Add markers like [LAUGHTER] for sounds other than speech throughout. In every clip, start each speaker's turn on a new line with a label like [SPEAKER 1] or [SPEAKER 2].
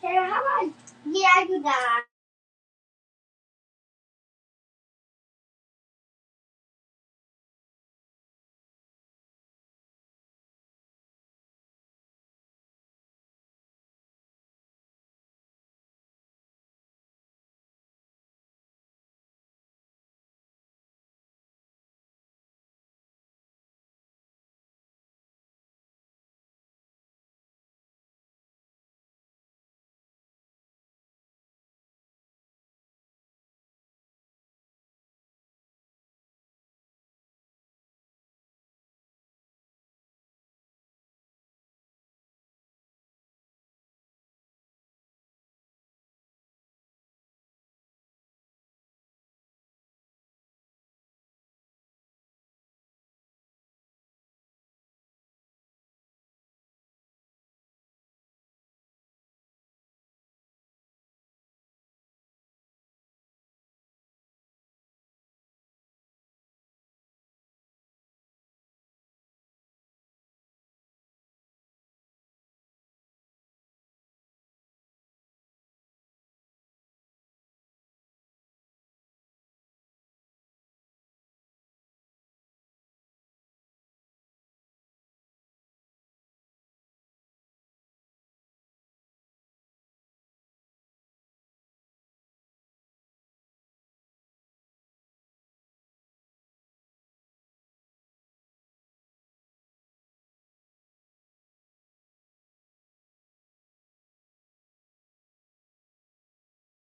[SPEAKER 1] Sarah, how about yeah, I do that.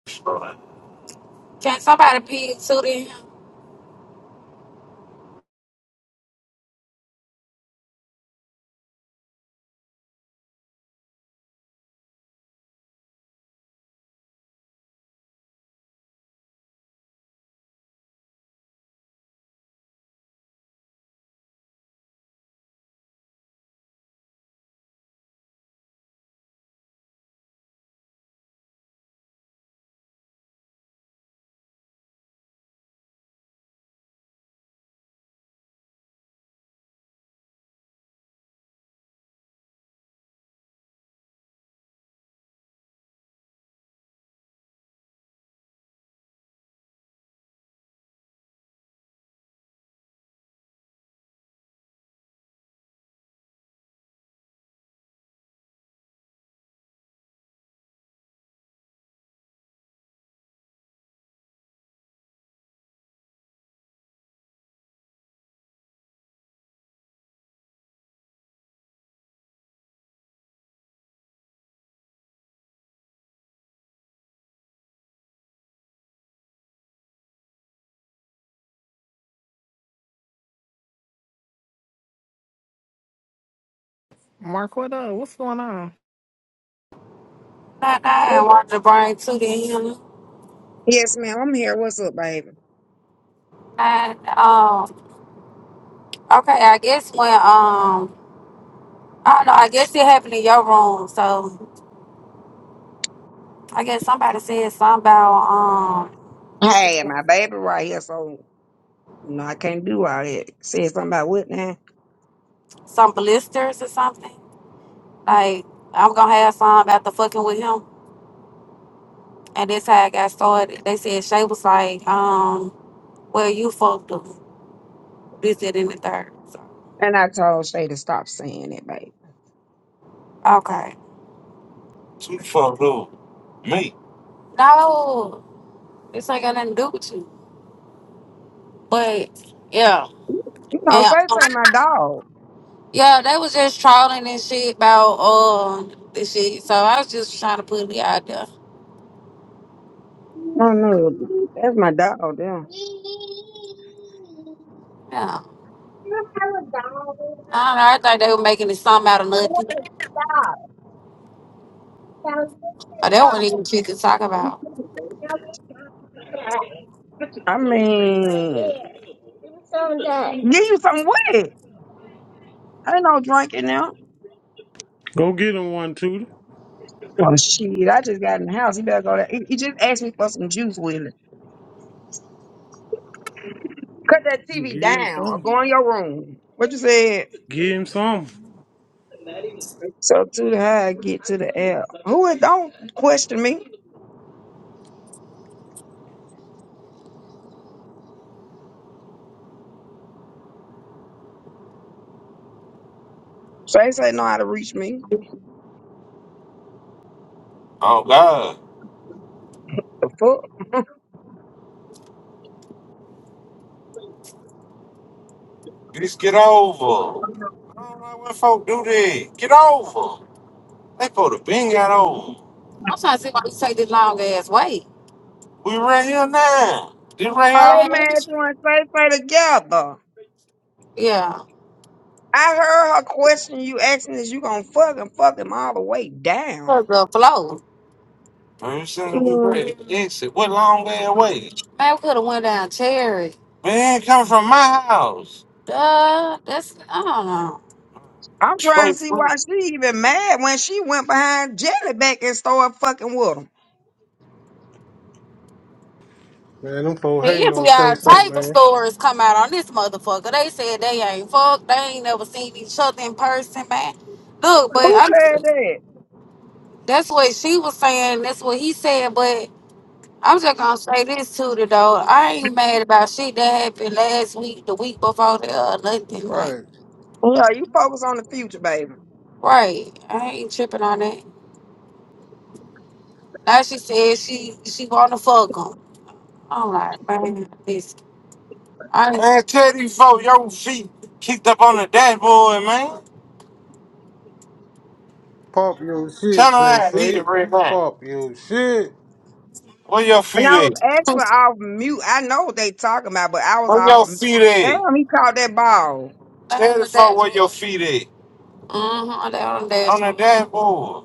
[SPEAKER 2] Can somebody pig Tootie and him?
[SPEAKER 3] Mark, what up? What's going on?
[SPEAKER 2] Not I and want to bring Tootie and him.
[SPEAKER 4] Yes, ma'am. I'm here. What's up, baby?
[SPEAKER 2] Not, um, okay, I guess when, um, I don't know, I guess it happened in your room. So I guess somebody said something about, um, you said
[SPEAKER 4] Hey, my baby right here. So no, I can't do all that. Said something about what now?
[SPEAKER 2] some blisters or something. Like, I'm going to have some after fucking with him. And that's how I got started. They said Shay was like, um, well, you fucked him. This, that, and the third. So,
[SPEAKER 4] And I told Shay to stop saying it, baby.
[SPEAKER 2] okay. You fucked fuck Me. No. This ain't got nothing to do with you. But yeah.
[SPEAKER 4] You know,
[SPEAKER 2] And
[SPEAKER 4] Shay
[SPEAKER 2] um,
[SPEAKER 4] say my dog.
[SPEAKER 2] yeah, they was just trolling and shit about uh this shit. So I was just trying to put me out there.
[SPEAKER 4] No, no, that's my dog. Damn.
[SPEAKER 2] Yeah. I don't know. I think they were making it something out of nothing. But that wasn't even shit to talk about.
[SPEAKER 4] I mean, give you some wet. I ain't no drinking now.
[SPEAKER 5] Go get him one, Tootie.
[SPEAKER 4] Well, shit, I just got in the house. You better go there. He he just asked me for some juice, Willie. Cut that TV
[SPEAKER 5] Give him
[SPEAKER 4] down or
[SPEAKER 5] some.
[SPEAKER 4] go in your room. What you said?
[SPEAKER 5] Give him some.
[SPEAKER 4] So to the how I get to the app. Who it don't question me. Say say know how to reach me.
[SPEAKER 2] Oh God,
[SPEAKER 4] The fuck?
[SPEAKER 2] just get over. I don't know when folk do that. Get over. They put a been got over. I'm trying to see why you take this long ass way. We right here now. This right
[SPEAKER 4] Oh, they
[SPEAKER 2] here.
[SPEAKER 4] mad you and Say Say together.
[SPEAKER 2] Yeah.
[SPEAKER 4] I heard her question you asking is you gonna fuck and fuck him all the way down.
[SPEAKER 2] 'Cause the flow. First thing we ready to exit. What long way away? I could have went down Cherry. Man, coming from my house. Duh, that's I don't know.
[SPEAKER 4] I'm trying to
[SPEAKER 2] Straight
[SPEAKER 4] see why
[SPEAKER 2] through.
[SPEAKER 4] she even mad when she went behind Jelly back and started fucking with him.
[SPEAKER 5] Man, them folks hating
[SPEAKER 2] If we
[SPEAKER 5] on Say
[SPEAKER 2] got
[SPEAKER 5] Say,
[SPEAKER 2] type of
[SPEAKER 5] man.
[SPEAKER 2] stories come out on this motherfucker, they said they ain't fucked. They ain't never seen each other in person, man. Look, but
[SPEAKER 4] Who
[SPEAKER 2] I'm,
[SPEAKER 4] said that?
[SPEAKER 2] that's what she was saying. That's what he said. But I'm just gonna say this to the though. I ain't mad about shit that happened last week, the week before that, or nothing. like.
[SPEAKER 5] Right.
[SPEAKER 4] Yeah, you focus on the future, baby.
[SPEAKER 2] Right. I ain't tripping on that. Now she said she she wanna fuck him. I'm like, man, this I Man, tell these folks your feet kicked up on the dashboard, man.
[SPEAKER 5] Pop your
[SPEAKER 2] Tell Turn
[SPEAKER 5] shit, Say
[SPEAKER 2] around, leave
[SPEAKER 5] Say.
[SPEAKER 2] it right now.
[SPEAKER 5] Pop your shit.
[SPEAKER 2] Where your
[SPEAKER 4] And I was
[SPEAKER 2] feet
[SPEAKER 4] actually
[SPEAKER 2] at?
[SPEAKER 4] off mute. I know what they talking about, but I was
[SPEAKER 2] Where
[SPEAKER 4] off.
[SPEAKER 2] your
[SPEAKER 4] Of,
[SPEAKER 2] feet
[SPEAKER 4] damn,
[SPEAKER 2] at?
[SPEAKER 4] he caught that ball.
[SPEAKER 2] [LAUGHS] that Tell on the the folks where your dashboard. feet at. Mm-hmm. That on the On the dashboard. dashboard.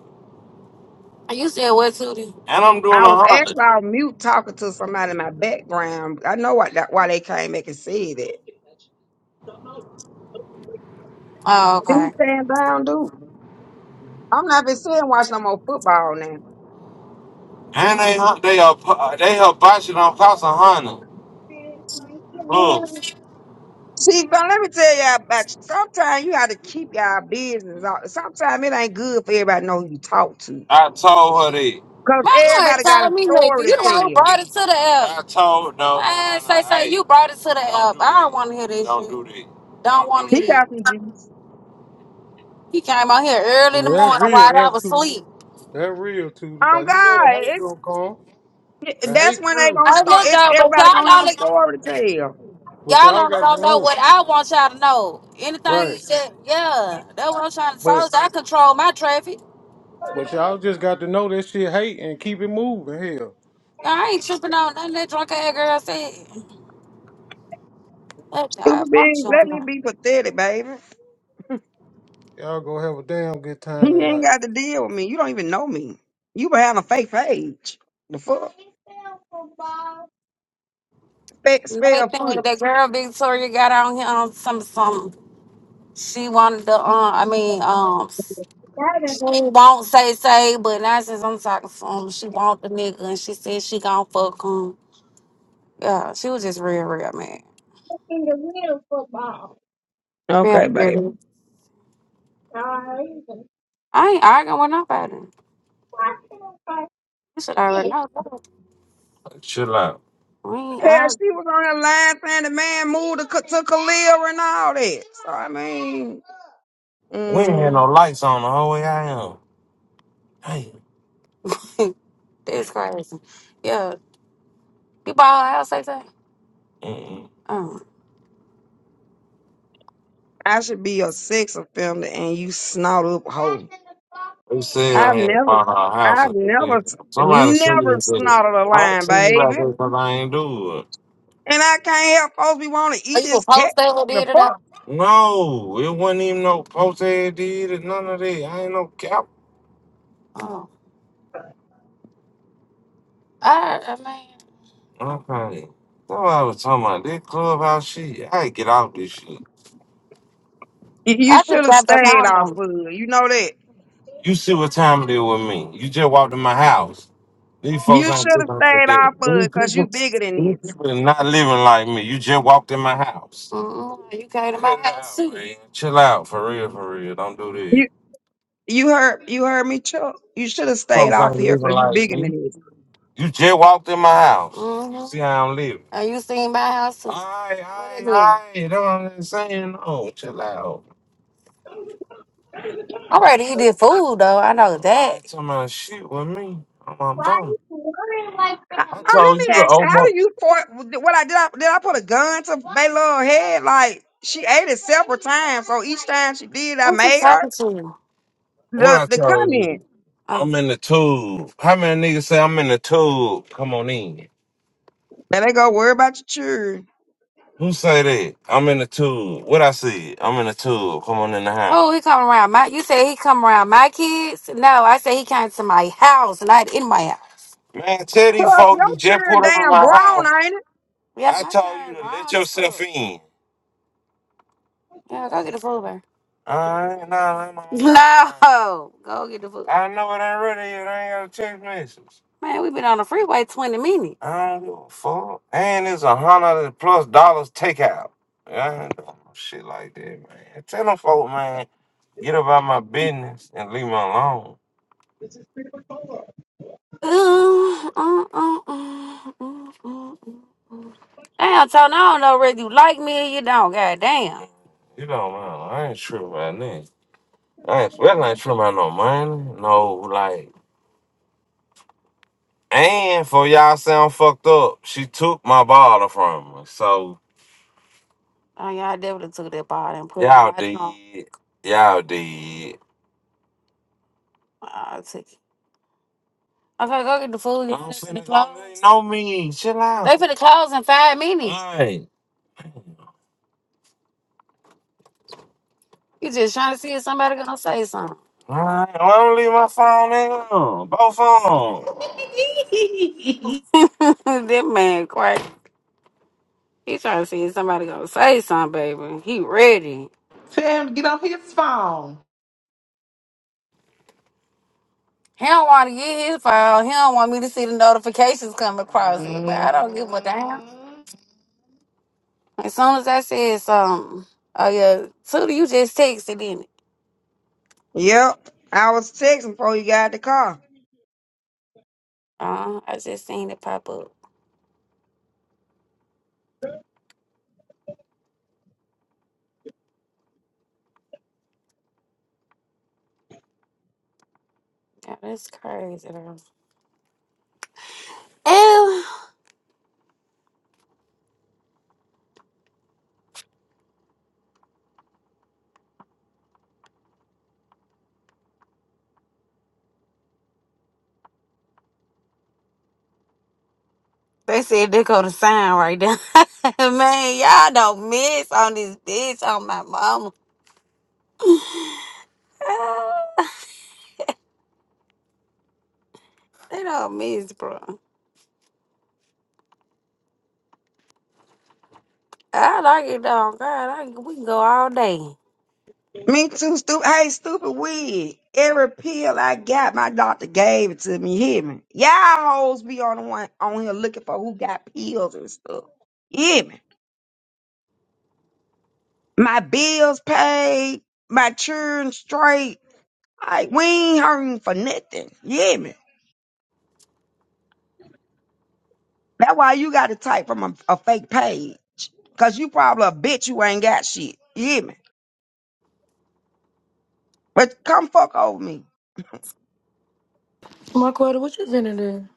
[SPEAKER 2] And You said what, Tootie? And I'm doing
[SPEAKER 4] I was
[SPEAKER 2] a
[SPEAKER 4] actually
[SPEAKER 2] hundred.
[SPEAKER 4] on mute talking to somebody in my background. I know why that why they came back and said that.
[SPEAKER 2] Oh,
[SPEAKER 4] Be
[SPEAKER 2] okay.
[SPEAKER 4] stand down, dude. I'm not been sitting and watch no more football now.
[SPEAKER 2] And they they are they are botching on Casa Honda.
[SPEAKER 4] See, but let me tell y'all about you. Sometimes you got to keep y'all business out. Sometimes it ain't good for everybody to know who you talk to.
[SPEAKER 2] I told her that.
[SPEAKER 4] Because
[SPEAKER 2] Man, you ain't
[SPEAKER 4] everybody got
[SPEAKER 2] told
[SPEAKER 4] a
[SPEAKER 2] me
[SPEAKER 4] story
[SPEAKER 2] nothing.
[SPEAKER 4] to
[SPEAKER 2] You the one who
[SPEAKER 4] tell.
[SPEAKER 2] brought it to the app. I told no. I say, no, say, hey, you brought it to the app. I don't want to hear this Don't shit. Don't do that. Don't Don't want do to
[SPEAKER 4] He
[SPEAKER 2] hear
[SPEAKER 4] got
[SPEAKER 2] this.
[SPEAKER 4] some juice.
[SPEAKER 2] He came out here early in the
[SPEAKER 5] Man, that
[SPEAKER 2] morning
[SPEAKER 5] real,
[SPEAKER 2] while I
[SPEAKER 5] that
[SPEAKER 2] was
[SPEAKER 5] Tootie.
[SPEAKER 2] asleep.
[SPEAKER 5] That real, Tootie.
[SPEAKER 4] Oh,
[SPEAKER 5] Because you know
[SPEAKER 4] God.
[SPEAKER 5] the hate
[SPEAKER 4] It,
[SPEAKER 5] gonna come.
[SPEAKER 4] it-
[SPEAKER 5] The
[SPEAKER 4] that's
[SPEAKER 5] hate
[SPEAKER 4] when they
[SPEAKER 5] coming.
[SPEAKER 4] going to
[SPEAKER 2] I
[SPEAKER 4] start.
[SPEAKER 2] looked
[SPEAKER 4] It,
[SPEAKER 2] out, but
[SPEAKER 4] everybody going
[SPEAKER 2] y'all
[SPEAKER 4] to have a
[SPEAKER 2] only,
[SPEAKER 4] story to tell.
[SPEAKER 5] But
[SPEAKER 2] y'all
[SPEAKER 5] y'all
[SPEAKER 2] only
[SPEAKER 5] got to
[SPEAKER 2] don't know
[SPEAKER 5] know.
[SPEAKER 2] what I want y'all to know. Anything
[SPEAKER 5] Right.
[SPEAKER 2] you said, yeah, that's what I'm trying to
[SPEAKER 5] But
[SPEAKER 2] solve. I control my traffic.
[SPEAKER 5] but y'all just got to know that shit hate and keep it moving, hell.
[SPEAKER 2] I ain't tripping on nothing that drunk ass girl said. Look, I
[SPEAKER 4] Stupid
[SPEAKER 2] promise
[SPEAKER 4] being,
[SPEAKER 2] you, I'm
[SPEAKER 4] let me
[SPEAKER 2] not.
[SPEAKER 4] be pathetic, baby.
[SPEAKER 5] Y'all gonna have a damn good time
[SPEAKER 4] You ain't
[SPEAKER 5] tonight.
[SPEAKER 4] got to deal with me. You don't even know me. You been having a fake page. The fuck? Fake spell
[SPEAKER 2] Nothing
[SPEAKER 4] foot.
[SPEAKER 2] that girl Victoria got on here on some something. She wanted to. Uh, I mean, um, she won't say say, but now since I'm talking to him, she want the nigga, and she said she gon' fuck him. Yeah, she was just real, real man, real
[SPEAKER 4] Okay, babe.
[SPEAKER 2] weird. I ain't arguing with nobody. You should already know. Chill out. We ain't
[SPEAKER 4] Hell, she was on her line saying the man moved to, Ka- to Khalil and all that. So, I mean,
[SPEAKER 2] We ain't had
[SPEAKER 4] mm,
[SPEAKER 2] no lights on the whole way I am. Hey. arguing. [LAUGHS] That's crazy. Yeah, you bought her a house, say say. Mm-mm.
[SPEAKER 4] I should be a sex offender and you snort up hoe.
[SPEAKER 2] They said I
[SPEAKER 4] I've
[SPEAKER 2] had to
[SPEAKER 4] never,
[SPEAKER 2] buy her a house.
[SPEAKER 4] I've
[SPEAKER 2] and everything.
[SPEAKER 4] never,
[SPEAKER 2] Somebody sent me
[SPEAKER 4] never
[SPEAKER 2] and said,
[SPEAKER 4] snorted a
[SPEAKER 2] I don't
[SPEAKER 4] line,
[SPEAKER 2] tell you
[SPEAKER 4] baby.
[SPEAKER 2] about this because I ain't do it.
[SPEAKER 4] And I can't help folks be want to
[SPEAKER 2] Are
[SPEAKER 4] eat
[SPEAKER 2] you a
[SPEAKER 4] this cat.
[SPEAKER 2] post that who
[SPEAKER 4] The
[SPEAKER 2] did it
[SPEAKER 4] fuck?
[SPEAKER 2] though? No, it wasn't even no post ad did it, none of that. I ain't no cap. Oh, I, I mean, Okay. Somebody was talking about this clubhouse shit. I get off this shit.
[SPEAKER 4] You, you
[SPEAKER 2] I
[SPEAKER 4] should
[SPEAKER 2] just
[SPEAKER 4] have
[SPEAKER 2] got the
[SPEAKER 4] stayed off
[SPEAKER 2] phone.
[SPEAKER 4] of it. You know that.
[SPEAKER 2] You see what time it is with me. You just walked in my house. These folks
[SPEAKER 4] You should
[SPEAKER 2] ain't
[SPEAKER 4] have
[SPEAKER 2] living like that.
[SPEAKER 4] stayed off of
[SPEAKER 2] These
[SPEAKER 4] it because
[SPEAKER 2] people,
[SPEAKER 4] you bigger than
[SPEAKER 2] these
[SPEAKER 4] this.
[SPEAKER 2] people are not living like me. You just walked in my house. Mm-mm, you came to my Chill house out, too. man. Chill out, for real, for real. Don't do that.
[SPEAKER 4] You you heard you heard me, Chuck. You should have stayed
[SPEAKER 2] Folks
[SPEAKER 4] off
[SPEAKER 2] ain't
[SPEAKER 4] here
[SPEAKER 2] living
[SPEAKER 4] because you
[SPEAKER 2] like
[SPEAKER 4] bigger
[SPEAKER 2] me.
[SPEAKER 4] than this.
[SPEAKER 2] You just walked in my house. Mhm. See how I'm living. And you seen my house too. Aye, aye, aye. That's what I'm saying. No, chill out. I'm ready to eat this food though. I know that. You talking about shit with me? I'm my
[SPEAKER 4] I,
[SPEAKER 2] mom.
[SPEAKER 4] I, let
[SPEAKER 2] I told you
[SPEAKER 4] me
[SPEAKER 2] to
[SPEAKER 4] ask you,
[SPEAKER 2] open
[SPEAKER 4] how
[SPEAKER 2] up.
[SPEAKER 4] do you for what I did I did I put a gun to Baylor's head? Like she ate it several times, so each time she did I
[SPEAKER 2] Who's you
[SPEAKER 4] made her
[SPEAKER 2] talking to? What
[SPEAKER 4] the
[SPEAKER 2] I
[SPEAKER 4] the
[SPEAKER 2] told
[SPEAKER 4] comment.
[SPEAKER 2] you? Oh, I'm in the tube. How many niggas say I'm in the tube? Come on in.
[SPEAKER 4] Now they go worry about your children.
[SPEAKER 2] Who say that? I'm in the tube. What I see? I'm in the tube. Come on in the house. oh, he come around my. You say he come around my kids? No, I say he came to my house, not in my house. Man, tell these
[SPEAKER 4] Club,
[SPEAKER 2] folks you
[SPEAKER 4] your
[SPEAKER 2] just
[SPEAKER 4] children
[SPEAKER 2] put up in
[SPEAKER 4] damn
[SPEAKER 2] my
[SPEAKER 4] grown,
[SPEAKER 2] house.
[SPEAKER 4] ain't it?
[SPEAKER 2] Yeah, I my told you to let yourself in. Yeah, go get the food bear. I ain't no, I'm on line. [LAUGHS] No, go get the food. I know it ain't ready. yet. I ain't got a text message. Man, we've been on the freeway 20 minutes. I don't give a fuck. And it's a hundred plus dollars takeout. Yeah, I ain't doing no shit like that, man. Tell them folk, man, get about my business and leave me alone. Uh, uh, uh, uh, uh, uh, uh. Damn, Tony, I don't know whether you like me or you don't. God damn. You know, man, I ain't tripping about that. I ain't feel like tripping about no money. No, like, and for y'all sound fucked up, she took my bottle from me. So, Oh, y'all definitely took that bottle and put it y'all right on. did. Y'all did. I took it. Okay, go get the food. They I'm finna finna go. They know me. Chill They out. finna close in five minutes. Right. You just trying to see if somebody gonna say something. [LAUGHS] Alright. Well, I don't leave my phone in. Both phones.
[SPEAKER 3] [LAUGHS]
[SPEAKER 2] [LAUGHS] that man crazy. He trying to see if somebody gonna say something, baby. He ready.
[SPEAKER 3] Tell him to get off his phone.
[SPEAKER 2] He don't want to get his file. He don't want me to see the notifications come across it. But I don't give a damn. As soon as I said something, oh yeah, Tootie, you just texted, didn't it?
[SPEAKER 4] Yep. I was texting before you got the car.
[SPEAKER 2] Uh, I just seen it pop up. Yeah, that's crazy. Though. Ew. They said they go to sign right there. [LAUGHS] Man, y'all don't miss on this bitch on my mama. [LAUGHS] Ah, they don't miss, bro. I like it though. God, I, we can go all day.
[SPEAKER 4] Me too, stupid. Hey, stupid wig. Every pill I got, my doctor gave it to me. You Hear me? Y'all hoes be on the one on here looking for who got pills and stuff. You Hear me? My bills paid, my children straight. Like we ain't hurting for nothing. You Hear me? That's why you got to type from a, a fake page, cause you probably a bitch who ain't got shit. You Hear me? But come fuck over me.
[SPEAKER 6] Marquetta, what you finna do?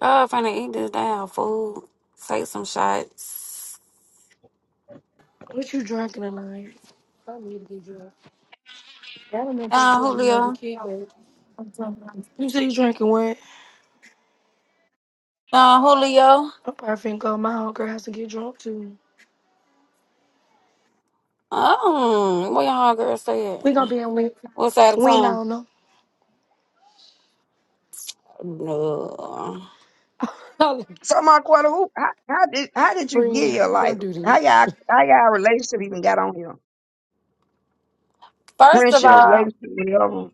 [SPEAKER 2] Oh, if I didn't eat this damn food, take some shots.
[SPEAKER 6] What you drinking tonight? I need to get drunk. I don't know if I'm supposed to
[SPEAKER 2] Don
[SPEAKER 6] be having another
[SPEAKER 2] Julio.
[SPEAKER 6] kid, but
[SPEAKER 2] Don
[SPEAKER 6] you say you drinking what?
[SPEAKER 2] Julio.
[SPEAKER 6] I'm probably finna go. My whole girl has to get drunk too.
[SPEAKER 2] Oh, what y'all girl said?
[SPEAKER 6] We gonna be in Win.
[SPEAKER 2] What's that of
[SPEAKER 6] We
[SPEAKER 2] town?
[SPEAKER 6] don't know.
[SPEAKER 2] No.
[SPEAKER 6] [LAUGHS]
[SPEAKER 4] So my quarter, who how, how did how did you get here?
[SPEAKER 6] Friend, don't
[SPEAKER 4] Like
[SPEAKER 6] do this.
[SPEAKER 4] how y'all how y'all relationship even got on here?
[SPEAKER 2] First of
[SPEAKER 4] Friendship,
[SPEAKER 2] all,
[SPEAKER 4] relationship, whatever.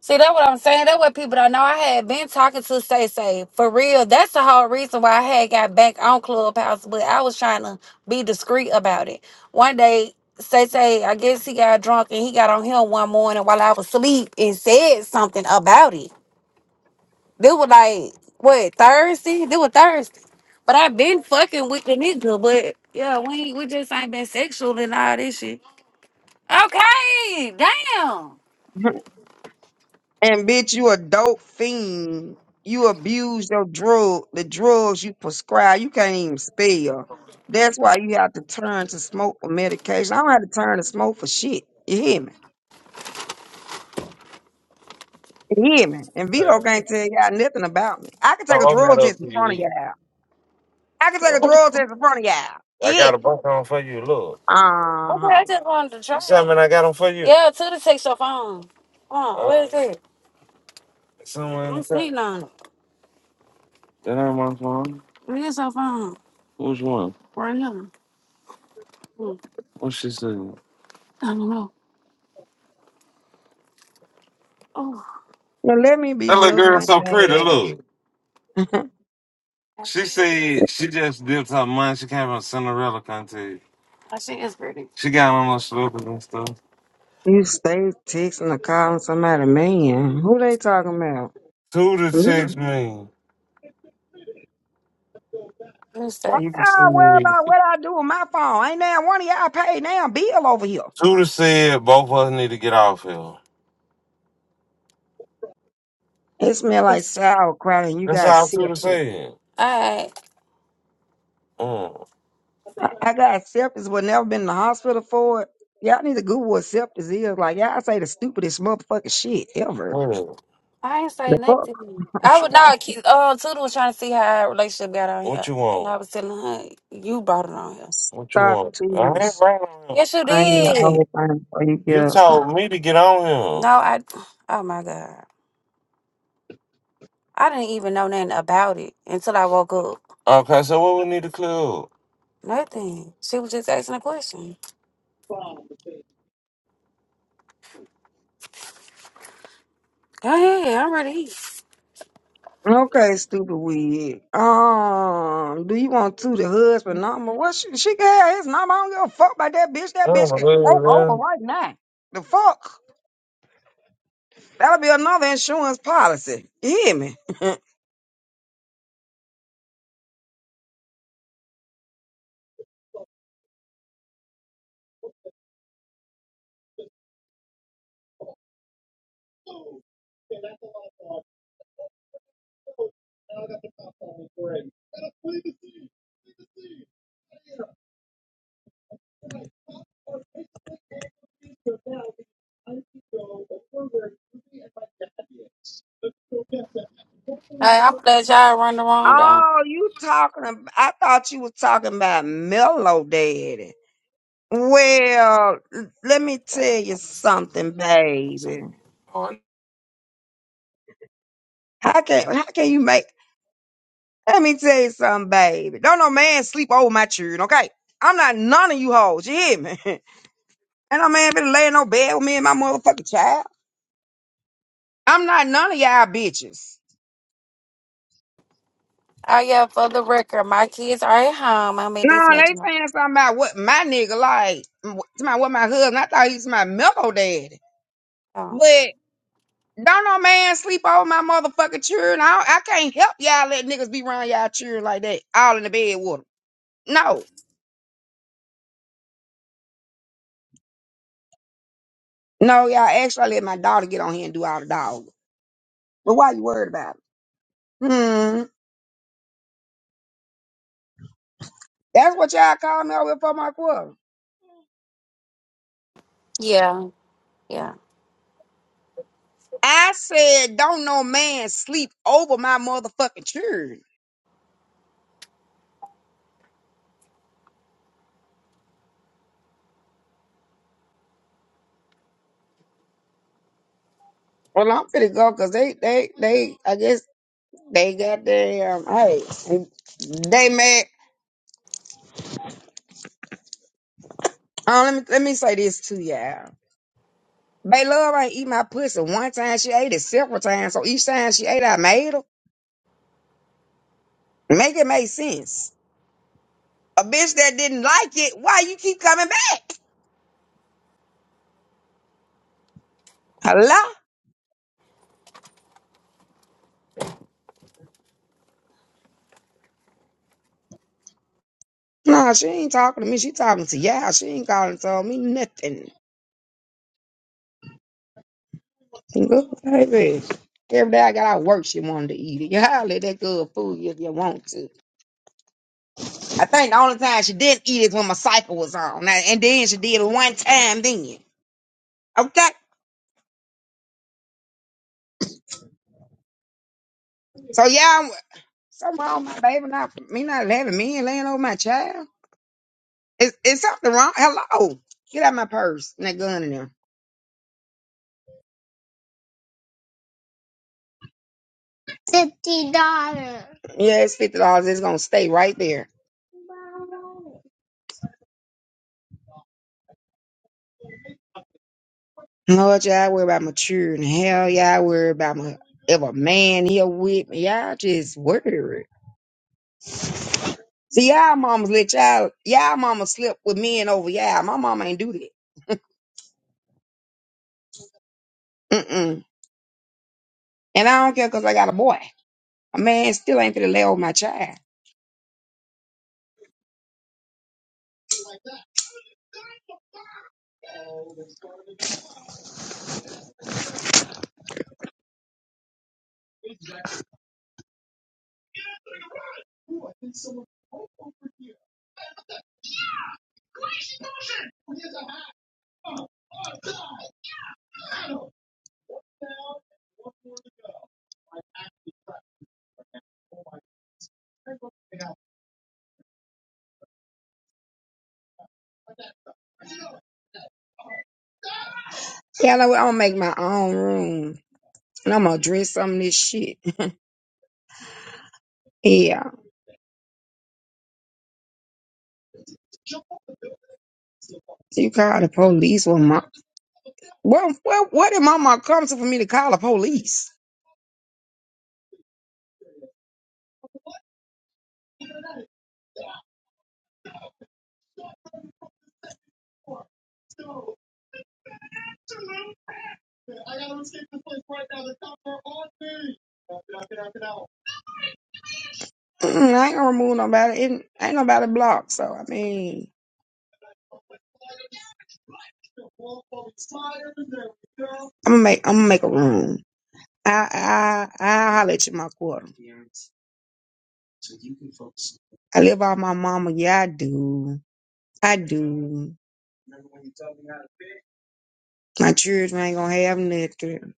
[SPEAKER 2] See, that's what I'm saying. That's what people don't know. I had been talking to Say Say for real. That's the whole reason why I had got back on Clubhouse, but I was trying to be discreet about it. One day, Say Say, I guess he got drunk and he got on him one morning while I was asleep and said something about it. They were like, what, Thursday? They were Thursday. But I've been fucking with the nigga, but yeah, we we just ain't been sexual and all this shit. Okay, damn.
[SPEAKER 4] [LAUGHS] and bitch, you a dope fiend. You abuse your drug, the drugs you prescribe. You can't even spell. That's why you have to turn to smoke for medication. I don't have to turn to smoke for shit. You hear me? He hear me. And
[SPEAKER 2] Hey,
[SPEAKER 4] Vito can't tell y'all nothing about me. I can take
[SPEAKER 2] I'll
[SPEAKER 4] a
[SPEAKER 2] open that
[SPEAKER 4] drug
[SPEAKER 2] up
[SPEAKER 4] test
[SPEAKER 2] for
[SPEAKER 4] in
[SPEAKER 2] you,
[SPEAKER 4] front of y'all. I can take a
[SPEAKER 2] E.
[SPEAKER 4] drug test in front of y'all.
[SPEAKER 2] I got a
[SPEAKER 4] It.
[SPEAKER 2] bunch on for you. Look,
[SPEAKER 4] Uh
[SPEAKER 2] Okay,
[SPEAKER 4] huh.
[SPEAKER 2] I just wanted to you try. You see how many I got on for you? Yeah, to the text your phone. Come on, Uh, where is it? It's somewhere in I'm the car. sitting on it. That ain't my phone. Where's your phone? Which one? Right here. Mm, What she said? I don't know. Oh,
[SPEAKER 4] Now let me be
[SPEAKER 2] That little
[SPEAKER 4] Mills
[SPEAKER 2] girl
[SPEAKER 4] one
[SPEAKER 2] so pretty.
[SPEAKER 4] day.
[SPEAKER 2] Look,
[SPEAKER 4] [LAUGHS]
[SPEAKER 2] she said she just dipped her mind. She came from Cinderella country. she is pretty. She got on her slippers and stuff.
[SPEAKER 4] you stay texting or calling somebody man. Who they talking about?
[SPEAKER 2] Who to
[SPEAKER 4] Me?
[SPEAKER 2] text me. Let me
[SPEAKER 4] Why
[SPEAKER 2] You can see
[SPEAKER 4] y'all worry
[SPEAKER 2] me.
[SPEAKER 4] about what I do with my phone? Ain't now one of y'all paid now bill over here.
[SPEAKER 2] Tudor said both of us need to get off here.
[SPEAKER 4] It smell like sauerkraut and you
[SPEAKER 2] That's
[SPEAKER 4] got
[SPEAKER 2] all Tudor
[SPEAKER 4] syphilis.
[SPEAKER 2] said. Alright. Mm.
[SPEAKER 4] I got sepsis, but never been in the hospital for it. Y'all need to Google what sepsis is. Like, y'all say the stupidest motherfucking shit ever.
[SPEAKER 2] What? is it? I ain't say
[SPEAKER 4] The fuck?
[SPEAKER 2] nothing. to you. I was not. Um, Tuda was trying to see how our relationship got on What here, you and want? I was telling her you brought it on here. What you
[SPEAKER 4] Stop
[SPEAKER 2] want? I ain't
[SPEAKER 4] twos.
[SPEAKER 2] right on him. Yes, you
[SPEAKER 4] I ain't your old
[SPEAKER 2] did.
[SPEAKER 4] thing for you
[SPEAKER 2] You
[SPEAKER 4] girls. now.
[SPEAKER 2] told me to get on him. No, I. Oh my god, I didn't even know nothing about it until I woke up. Okay, so what we need to clear up? Nothing. She was just asking a question. Go ahead. I'm ready.
[SPEAKER 4] Okay, stupid weed. Um, do you want to the husband number? What she, she can have his number. I don't give a fuck about that bitch. That bitch
[SPEAKER 2] Oh,
[SPEAKER 4] can
[SPEAKER 2] man,
[SPEAKER 4] croak over
[SPEAKER 2] man.
[SPEAKER 4] right now. The fuck? That'll be another insurance policy. You hear me?
[SPEAKER 2] Hey, I'm glad y'all run the wrong down.
[SPEAKER 4] Oh, you talking? About, I thought you was talking about Mellow Daddy. Well, l- let me tell you something, baby.
[SPEAKER 2] On.
[SPEAKER 4] How can how can you make? Let me tell you something, baby. Don't no man sleep over my children, okay? I'm not none of you hoes. You hear me? [LAUGHS] Ain't no man been laying no bed with me and my motherfucking child. I'm not none of y'all bitches.
[SPEAKER 2] Oh yeah, for the record, my kids are at home. I made
[SPEAKER 4] No,
[SPEAKER 2] this
[SPEAKER 4] they
[SPEAKER 2] mention.
[SPEAKER 4] saying something about what my nigga like. Somebody what my husband. I thought he was my mellow daddy,
[SPEAKER 2] Um,
[SPEAKER 4] but. Don't no man sleep over my motherfucking children. I, don't- I can't help y'all let niggas be around y'all children like that, all in the bed with 'em. No, no, y'all. Actually, I let my daughter get on here and do all the dog. But why you worried about it? Hmm. That's what y'all called me over for my quarter.
[SPEAKER 2] yeah, yeah.
[SPEAKER 4] I said, don't no man sleep over my motherfucking children. Well, I'm finna go because they, they, they, I guess they got their, um, hey, they mad. Oh, let me, let me say this to y'all. Bay Love ain't eat my pussy one time. She ate it several times. So each time she ate, I made her. Make it make sense. A bitch that didn't like it, why you keep coming back? Hello? Nah, she ain't talking to me. She talking to y'all. She ain't calling to tell me nothing. Good baby. Every day I got out of work, she wanted to eat it. [LAUGHS] You holler that good food if you want to. I think the only time she didn't eat is when my cycle was on. Now, And then she did it one time then. Okay? So, yeah, I'm, something wrong with my baby not, me not having me and laying over my child. Is, is something wrong? Hello? Get out my purse and that gun in there. Yeah, it's fifty dollars. It's gonna stay right there. No, Lord, y'all worry about my children. Hell, y'all worry about my if a man here with me. Y'all just worry. See, y'all mamas let y'all y'all mama slip with men over y'all. My mama ain't do that. Mm-mm. And I don't care because I got a boy. A man still ain't gonna lay over my child. Yeah, I know what, I'm gonna make my own room and I'm gonna dress some of this shit. Yeah, so you call the police? Well, my well, well, what did mama come to for me to call the police? Mm-mm, I ain't gonna remove nobody. It, ain't nobody blocked, so I mean, I'm gonna make I'm gonna make a room. I I I holler at you my quarter. I live off my mama. Yeah, I do. I do. My children ain't gonna have nothing,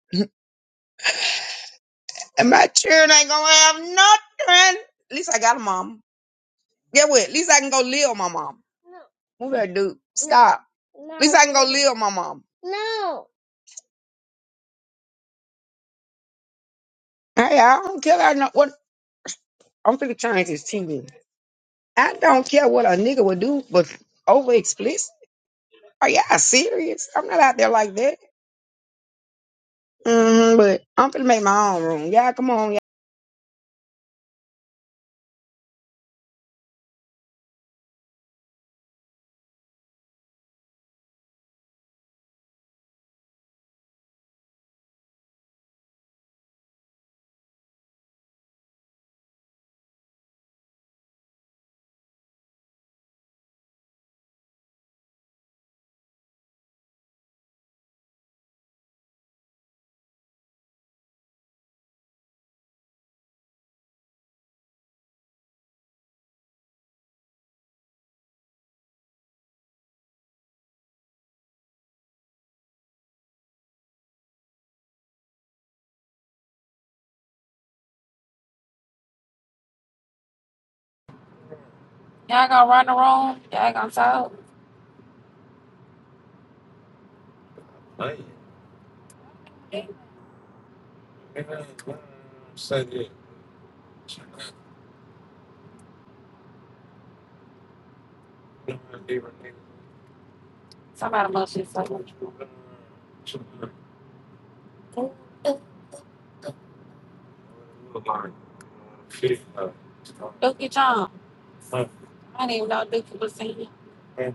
[SPEAKER 4] and my children ain't gonna have nothing. At least I got a mom. Get what? At least I can go live with my mom. Move that dude. Stop. At least I can go live with my mom. Hey, I don't care. I know what I'm finna change this TV. I don't care what a nigga would do, but over Are y'all serious? I'm not out there like that. hmm but I'm finna make my own room. Y'all come on,
[SPEAKER 2] Y'all gonna run the room? Y'all gonna talk? Hey, say it. Somebody must be talking. Dookie John. I didn't even know Dookie was in here.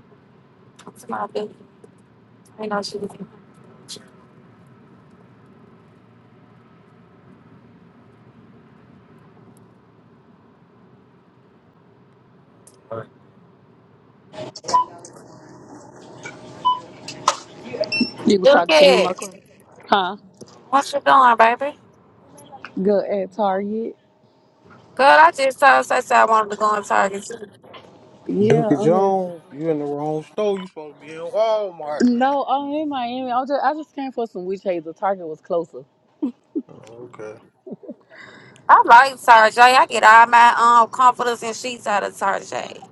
[SPEAKER 2] It's You know she was.
[SPEAKER 7] You was
[SPEAKER 2] You
[SPEAKER 7] talking to me,
[SPEAKER 2] can.
[SPEAKER 7] Michael. Huh?
[SPEAKER 2] What you doing, baby?
[SPEAKER 7] Good at Target.
[SPEAKER 2] Girl, I just told Stacey I wanted to go on Target too.
[SPEAKER 7] Yeah,
[SPEAKER 5] Dookie
[SPEAKER 7] I'm at.
[SPEAKER 5] Jones, you in the wrong store. You supposed to be in Walmart now.
[SPEAKER 7] No, I'm in Miami. I just I just came for some witch hazel. Target was closer.
[SPEAKER 5] Oh, okay.
[SPEAKER 2] I like Target. I get all my um comforters and sheets out of Target.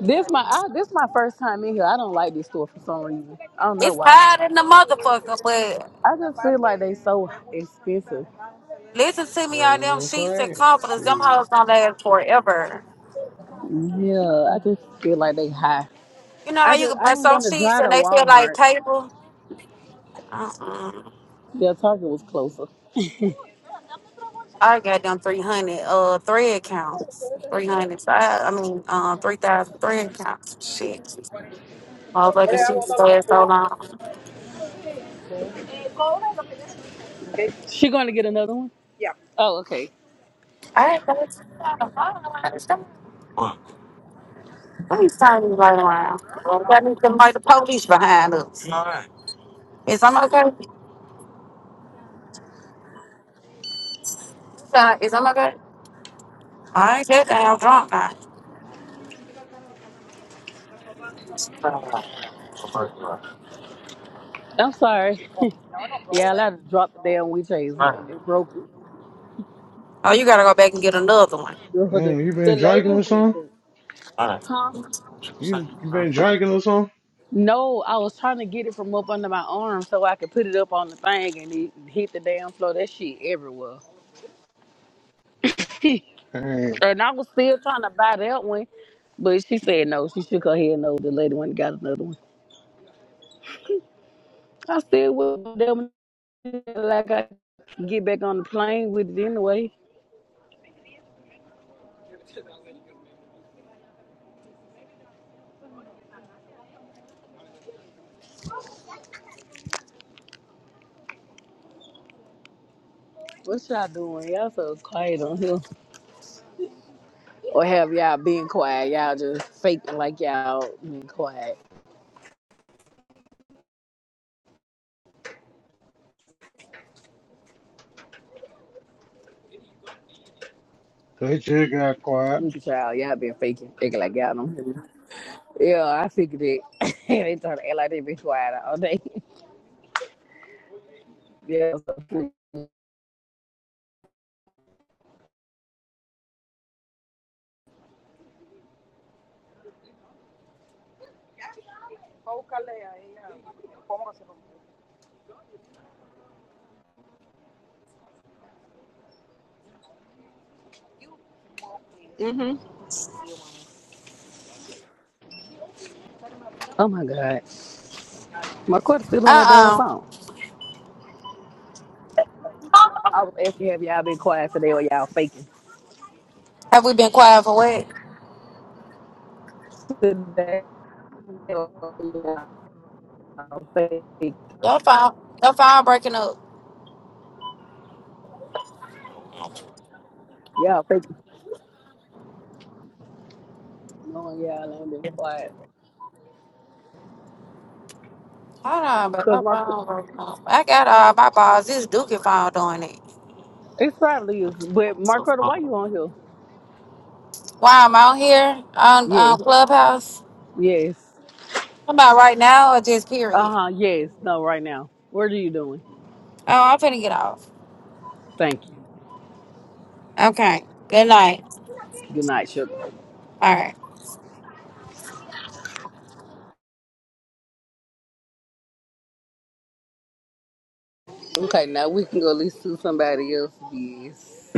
[SPEAKER 7] This my I, this my first time in here. I don't like this store for some reason. I don't know
[SPEAKER 2] It's
[SPEAKER 7] why.
[SPEAKER 2] higher than the motherfucker, but
[SPEAKER 7] I just feel like they so expensive.
[SPEAKER 2] listen to me
[SPEAKER 5] That's
[SPEAKER 2] on
[SPEAKER 5] what
[SPEAKER 2] them
[SPEAKER 5] I'm
[SPEAKER 2] sheets and
[SPEAKER 5] saying.
[SPEAKER 2] comforters. Them
[SPEAKER 5] Shit.
[SPEAKER 2] hoes don't last forever.
[SPEAKER 7] Yeah, I just feel like they high.
[SPEAKER 2] You know
[SPEAKER 7] I
[SPEAKER 2] how you
[SPEAKER 7] just
[SPEAKER 2] can
[SPEAKER 7] I
[SPEAKER 2] buy
[SPEAKER 7] didn't
[SPEAKER 2] some
[SPEAKER 7] want to
[SPEAKER 2] sheets
[SPEAKER 7] drive
[SPEAKER 2] and
[SPEAKER 7] to
[SPEAKER 2] they feel like
[SPEAKER 7] Walmart.
[SPEAKER 2] paper? Uh-uh.
[SPEAKER 7] Yeah, Target was closer.
[SPEAKER 2] I got them 300 uh thread accounts. 300. So I, I mean, um, 3,000 thread accounts. Shit. Motherfucking shit stayed so long.
[SPEAKER 7] She going to get another one? Oh, okay.
[SPEAKER 2] I ain't going to I don't understand. Please turn these right around. Well, That needs like the police behind us. Is I'm okay? Uh, Is I'm okay? I ain't that damn drunk. I.
[SPEAKER 7] I'm sorry. Yeah, I had to drop the damn witch hazel. It broke it.
[SPEAKER 2] Oh, you gotta go back and get another one.
[SPEAKER 7] Girl, The,
[SPEAKER 5] Damn, you been
[SPEAKER 7] the
[SPEAKER 5] drinking
[SPEAKER 7] lady
[SPEAKER 5] or
[SPEAKER 7] with
[SPEAKER 5] something?
[SPEAKER 7] me.
[SPEAKER 2] Uh
[SPEAKER 7] Huh?
[SPEAKER 5] You you been drinking or something?
[SPEAKER 7] No, I was trying to get it from up under my arm so I could put it up on the thing and it hit the damn floor. That shit everywhere. [LAUGHS]
[SPEAKER 5] Dang,
[SPEAKER 7] and I was still trying to buy that one, but she said no. She shook her head no. The lady went and got another one. I still will that one like I get back on the plane with it anyway. What y'all doing? Y'all so quiet on here. Or have y'all been quiet? Y'all just faking like y'all been quiet.
[SPEAKER 5] they just got quiet.
[SPEAKER 7] Look at y'all. Y'all been faking, acting like y'all don't hear me. Yeah, I figured it. [LAUGHS] they trying to act like they been quiet all day. [LAUGHS] yeah. so- hmm Oh my God. My quarter's still on that damn
[SPEAKER 2] oh.
[SPEAKER 7] phone. I was asking have y'all been quiet today or y'all faking.
[SPEAKER 2] Have we been quiet for what?
[SPEAKER 7] Today or y'all faking.
[SPEAKER 2] Your phone, your phone breaking up. Hold
[SPEAKER 7] Y'all faking. No, y'all ain't been quiet.
[SPEAKER 2] on, but
[SPEAKER 7] Cause
[SPEAKER 2] my
[SPEAKER 7] Mark,
[SPEAKER 2] phone breaking up. I got all my balls. This Dookie phone doing it.
[SPEAKER 7] it's probably is. But Mark Carter, why you on here?
[SPEAKER 2] Why I'm out here on, on
[SPEAKER 7] Yes,
[SPEAKER 2] Clubhouse?
[SPEAKER 7] yes.
[SPEAKER 2] I'm about right now or just period?
[SPEAKER 7] Uh huh. Yes. No, right now. What are you doing?
[SPEAKER 2] Oh, I'm finna get off.
[SPEAKER 7] Thank you.
[SPEAKER 2] Okay. Good night.
[SPEAKER 7] Good night, sugar.
[SPEAKER 2] All right.
[SPEAKER 7] Okay, now we can go listen to somebody else's. biz.